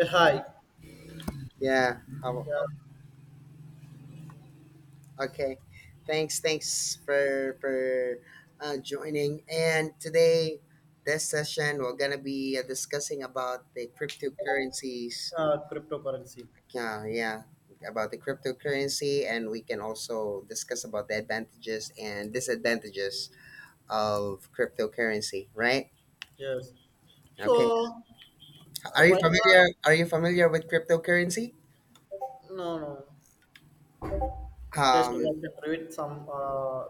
A high, Yeah. How, yeah. okay. Thanks. Thanks for joining. And today, this session, we're gonna be discussing about the cryptocurrencies. Cryptocurrency. Yeah, yeah, about the cryptocurrency, and we can also discuss about the advantages and disadvantages of cryptocurrency. Right? Yes. Okay. So right now, Are you familiar with cryptocurrency? no, no. Just Um, want to read some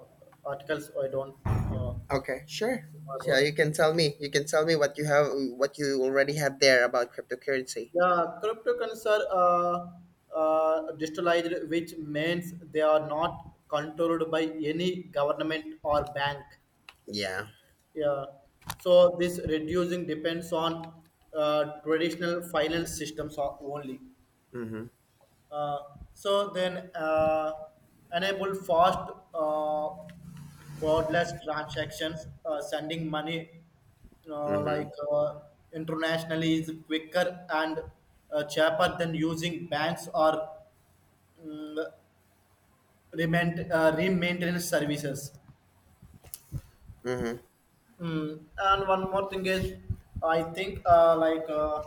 articles. I don't know Okay, sure. Yeah, about. you can tell me. What you already have there about cryptocurrency. Yeah, cryptocurrencies are digitalized, which means they are not controlled by any government or bank. Yeah. Yeah. So this reducing depends on traditional finance systems only. Mhm. Uh, so then enable fast uh, borderless transactions, sending money uh, Mhm. like uh, internationally is quicker and cheaper than using banks or um, remain, maintenance services. Mhm. Mm, and one more thing is, I think like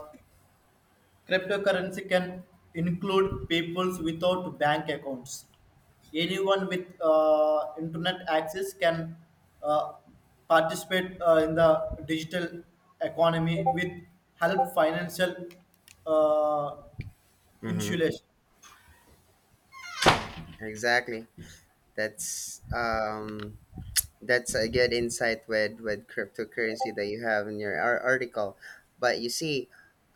cryptocurrency can include peoples without bank accounts. Anyone with internet access can uh, participate in the digital economy with help financial uh, Mhm. insulation. Exactly. That's um. That's a good insight with cryptocurrency that you have in your article. But you see,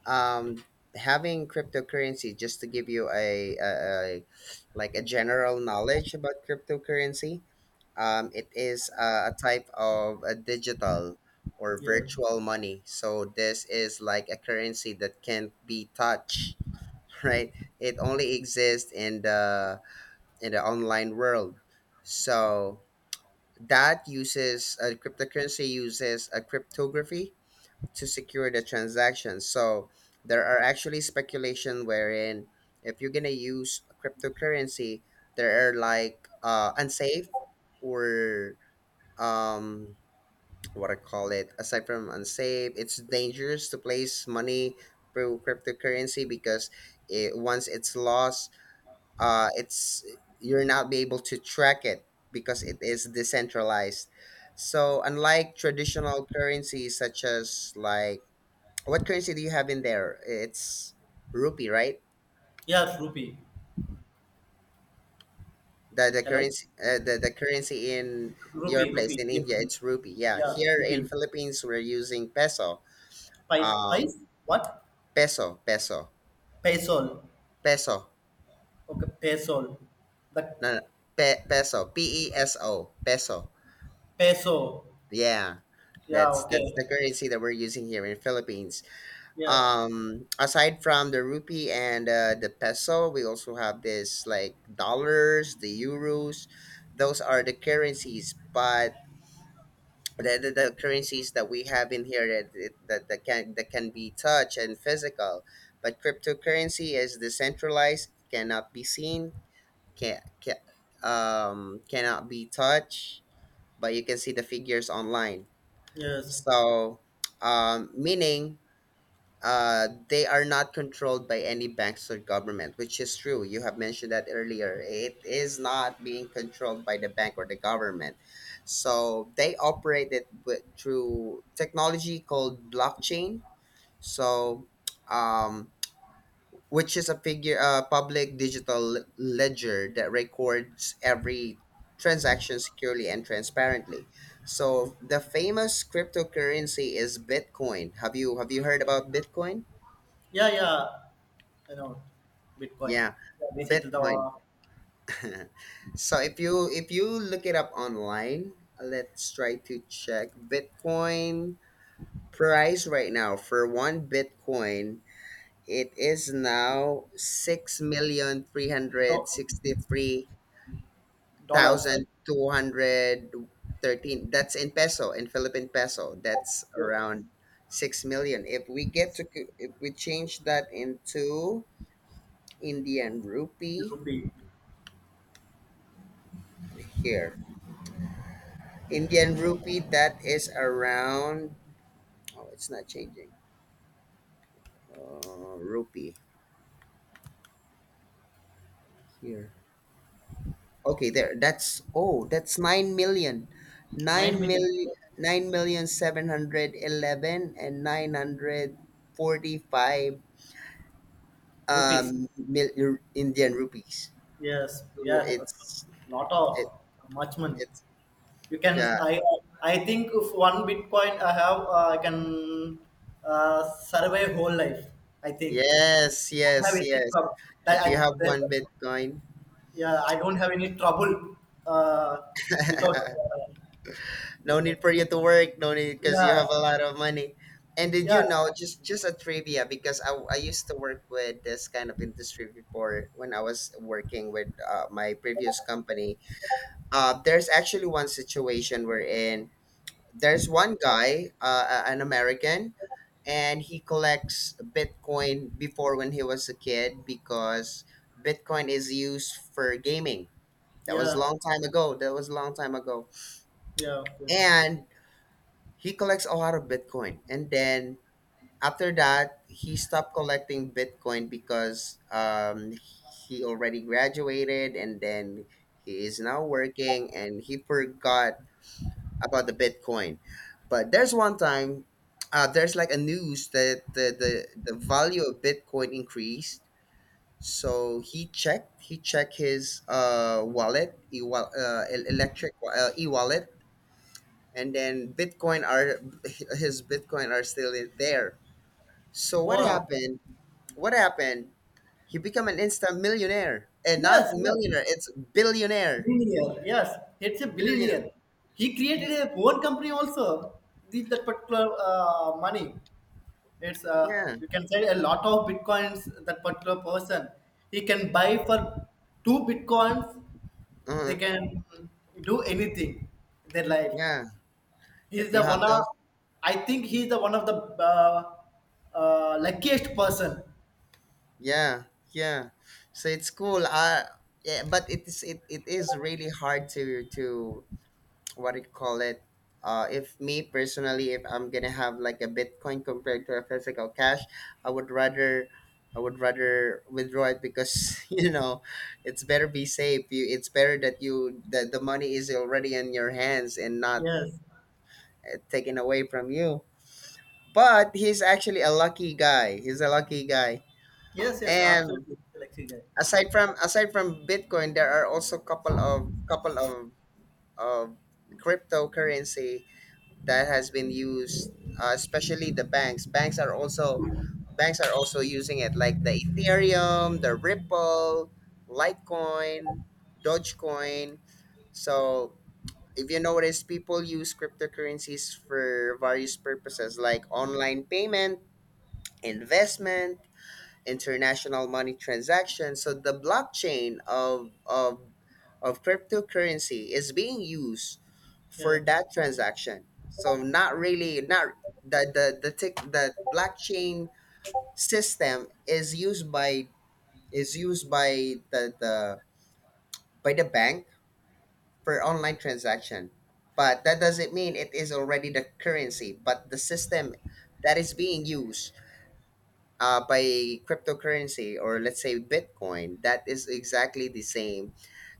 um, having cryptocurrency, just to give you a like a general knowledge about cryptocurrency. It is a type of a digital or Yeah, virtual money. So this is like a currency that can't be touched, right? It only exists in the online world. So that uses a cryptocurrency uses a cryptography to secure the transaction. So there are actually speculation wherein if you're gonna use a cryptocurrency, there are like unsafe or um what I call it, aside from unsafe, it's dangerous to place money through cryptocurrency because once it's lost, it's you're not be able to track it because it is decentralized. So unlike traditional currencies such as, like, what currency do you have in there? It's rupee, right? yeah, rupee. The the Hello, currency uh, the, the currency in your rupee, place rupee. in Yeah, India, it's rupee. Yeah, yeah, here in rupee. Philippines we're using peso. Pice, Um, pice. What? Peso, peso, Peso. peso. Okay, peso. The No, no, peso, P E S O, peso. peso. Yeah, Yeah. that's Okay. the currency that we're using here in Philippines. Yeah. Aside from the rupee and the peso, we also have this like dollars, the euros. Those are the currencies, but the currencies that we have in here that can be touch and physical. But cryptocurrency is decentralized, cannot be seen, can, can cannot be touched, but you can see the figures online. Yes. So, meaning, they are not controlled by any banks or government, which is true. You have mentioned that earlier, it is not being controlled by the bank or the government. So they operate it through technology called blockchain. So um which is a public digital ledger that records every transaction securely and transparently. So the famous cryptocurrency is Bitcoin. Have you heard about Bitcoin? Yeah, yeah, I know Bitcoin. Yeah, Yeah, recently Bitcoin. the So if you look it up online, let's try to check Bitcoin price right now for one Bitcoin. It is now six million three hundred do- sixty three dollars, thousand two hundred thirteen. That's in peso, in Philippine peso. That's the around 6 million. If we change that into Indian rupee, rupee, here, Indian rupee, that is around. Oh, it's not changing. Rupee here. Okay, there. That's oh, that's 9 million, nine nine million million, nine million seven hundred eleven and 945 rupees. Indian rupees. Yes, So yeah, that's it's a lot it of much money. it's You can, yeah, I, I think if one Bitcoin I have, I can survive whole life. I think. yes, Don't have yes, any yes. trouble. I, If you I, have that, one Bitcoin, yeah, I don't have any trouble uh, without. No need for you to work, no need, because you Yeah, have a lot of money. And did yeah, you know, just a trivia, because I used to work with this kind of industry before when I was working with my previous company. There's actually one situation we're in, there's one guy, an American, and he collects Bitcoin before when he was a kid because Bitcoin is used for gaming. That was a yeah. long time ago. That was a long time ago. Yeah. Okay. And he collects a lot of Bitcoin. And then after that, he stopped collecting Bitcoin because he already graduated, and then he is now working and he forgot about the Bitcoin. But there's one time, there's like a news that the value of Bitcoin increased. So he checked his wallet, e wal- el- electric wa- e wallet, and then Bitcoin are his Bitcoin are still in there. So what Wow. happened? What happened? He become an instant millionaire, and not Yes. Yes. millionaire, it's Billionaire. Yes. It's a billionaire. billionaire. He created He, a own company also. This that particular money. It's yeah, you can say a lot of bitcoins. That particular person, he can buy for two bitcoins. uh huh, They can do anything in their life. yeah. He's If you the one have of. those. I think he's the one of the uh, luckiest person. Yeah, yeah. So it's cool. Yeah, but it is really hard to what do you call it? Uh, if me personally, if I'm gonna have like a Bitcoin compared to a physical cash, I would rather I would rather withdraw it because you know it's better be safe. You it's better that you that the money is already in your hands and not Yes. Taken away from you. But he's actually a lucky guy. He's a lucky guy. Yes. Yes. And Absolutely. Lucky guy. Aside from Bitcoin, there are also couple of of cryptocurrency that has been used, especially the banks. Banks are also using it, like the Ethereum, the Ripple, Litecoin, Dogecoin. So if you notice, people use cryptocurrencies for various purposes like online payment, investment, international money transactions. So the blockchain of of cryptocurrency is being used Yeah. for that transaction. So not really not the the tick the blockchain system is used by the by the bank for online transaction. But that doesn't mean it is already the currency, but the system that is being used by cryptocurrency, or let's say Bitcoin, that is exactly the same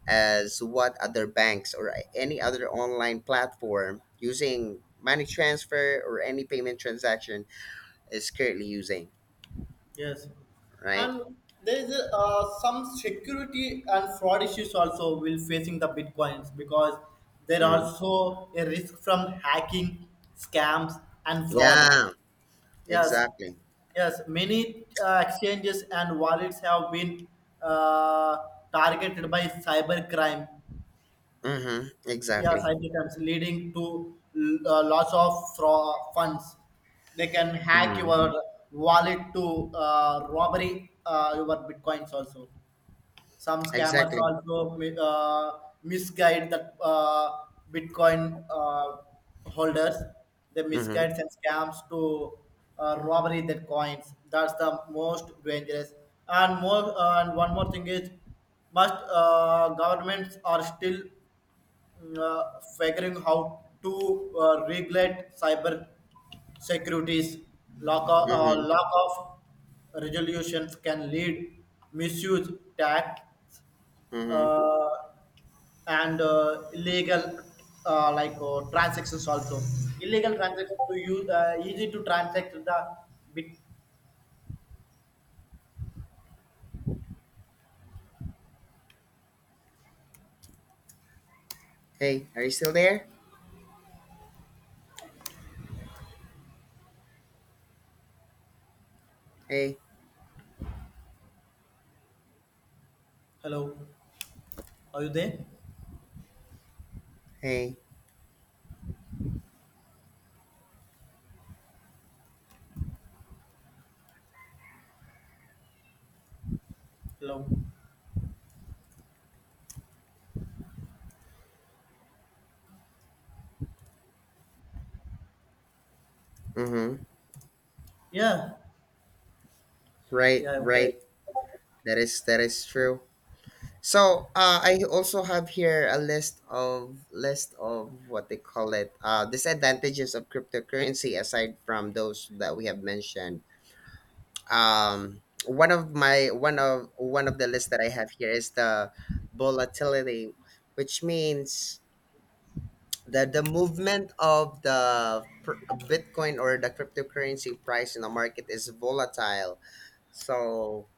as what other banks or any other online platform using money transfer or any payment transaction is currently using, Yes, right? and there is a, some security and fraud issues also will facing the bitcoins because there are Hmm. also a risk from hacking, scams, and fraud. Yeah, Yes, exactly. yes, many exchanges and wallets have been uh, targeted by cyber crime, Mm-hmm. yeah, Exactly. side attempts leading to loss of funds. They can hack Mm-hmm. your wallet to robbery your bitcoins also. Some scammers Exactly. also misguide the Bitcoin holders. They Mm-hmm. misguide and scams to robbery their coins. That's the most dangerous. And one more thing is, must governments are still figuring how to regulate cyber securities. Mm-hmm. Lack of resolutions can lead misuse tax Mm-hmm. uh, and illegal transactions also, illegal transactions to use easy to transact the bit. Hey, are you still there? Hey, Hello, are you there? hey. Hello. Mm-hmm. Yeah, Right, yeah, okay. right. That is true. So I also have here a list of what they call it, disadvantages of cryptocurrency aside from those that we have mentioned. One of my one of the lists that I have here is the volatility, which means the movement of the Bitcoin or the cryptocurrency price in the market is volatile. So,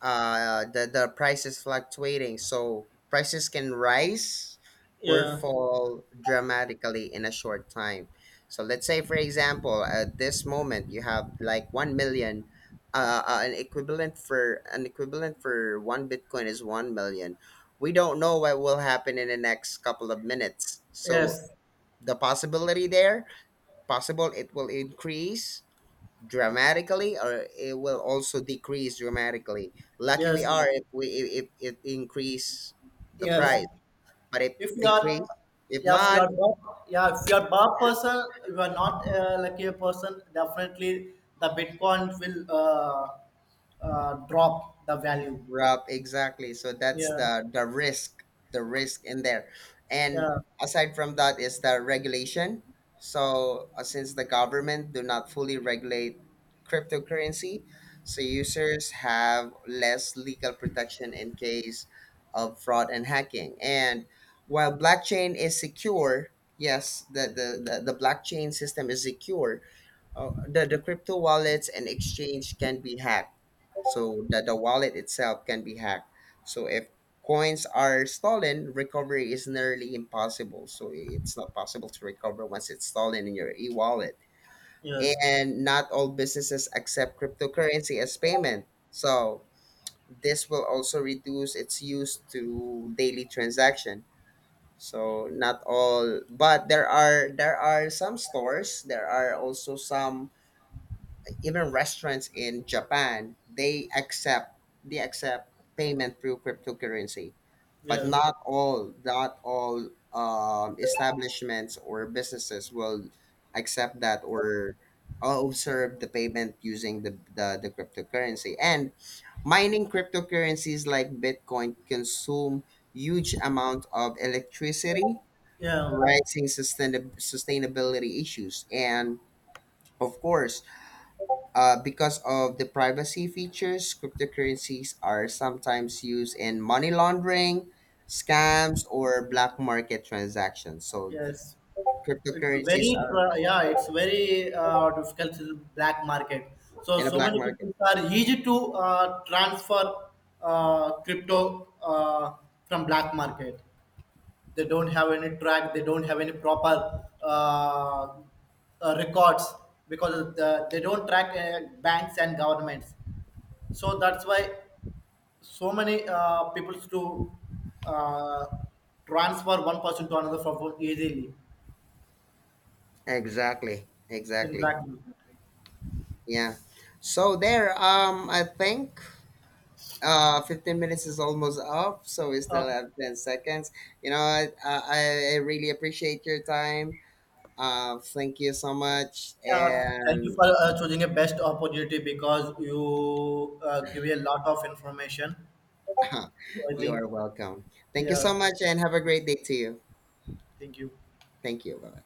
the price is fluctuating, so prices can rise or Yeah. fall dramatically in a short time. So let's say, for example, at this moment you have like 1 million, an equivalent for one bitcoin is 1 million. We don't know what will happen in the next couple of minutes. So Yes, the possibility there, possible it will increase dramatically, or it will also decrease dramatically. Lucky we yes, are yes, if we if it increase the yes. price. But if if you are decrease, if yeah if you not, are not, yeah, if you are bar person, you are not like a person, definitely the bitcoin will drop the value. Rob, exactly. So that's Yeah, the risk, the risk in there. And yeah. aside from that is the regulation. So, since the government do not fully regulate cryptocurrency, so users have less legal protection in case of fraud and hacking. And while blockchain is secure, yes, the blockchain system is secure. The crypto wallets and exchange can be hacked, so that the wallet itself can be hacked. So if coins are stolen, recovery is nearly impossible. So it's not possible to recover once it's stolen in your e-wallet. Yes, And not all businesses accept cryptocurrency as payment. So this will also reduce its use to daily transaction. So not all, but there are some stores. There are also some, even restaurants in Japan, they accept payment through cryptocurrency, but yes. Not all establishments or businesses will accept that or observe the payment using the cryptocurrency. And mining cryptocurrencies like Bitcoin consume huge amount of electricity, Yeah. raising sustainability issues. And of course, because of the privacy features, cryptocurrencies are sometimes used in money laundering, scams, or black market transactions. So Yes, cryptocurrencies are yeah, it's very difficult to black market, so in a so black many market. people are easy to transfer crypto from black market. They don't have any track, they don't have any proper records because they don't track banks and governments. So that's why so many people to uh, transfer one person to another from phone easily Exactly. in Exactly. black market. Yeah. So there, I think, 15 minutes is almost up, so we uh, still have 10 seconds. You know, I really appreciate your time. Thank you so much. yeah, thank you And for choosing a best opportunity because you give a lot of information. So I you think, are welcome. Thank you yeah, so much, and have a great day to you. thank you. Thank you. Bye.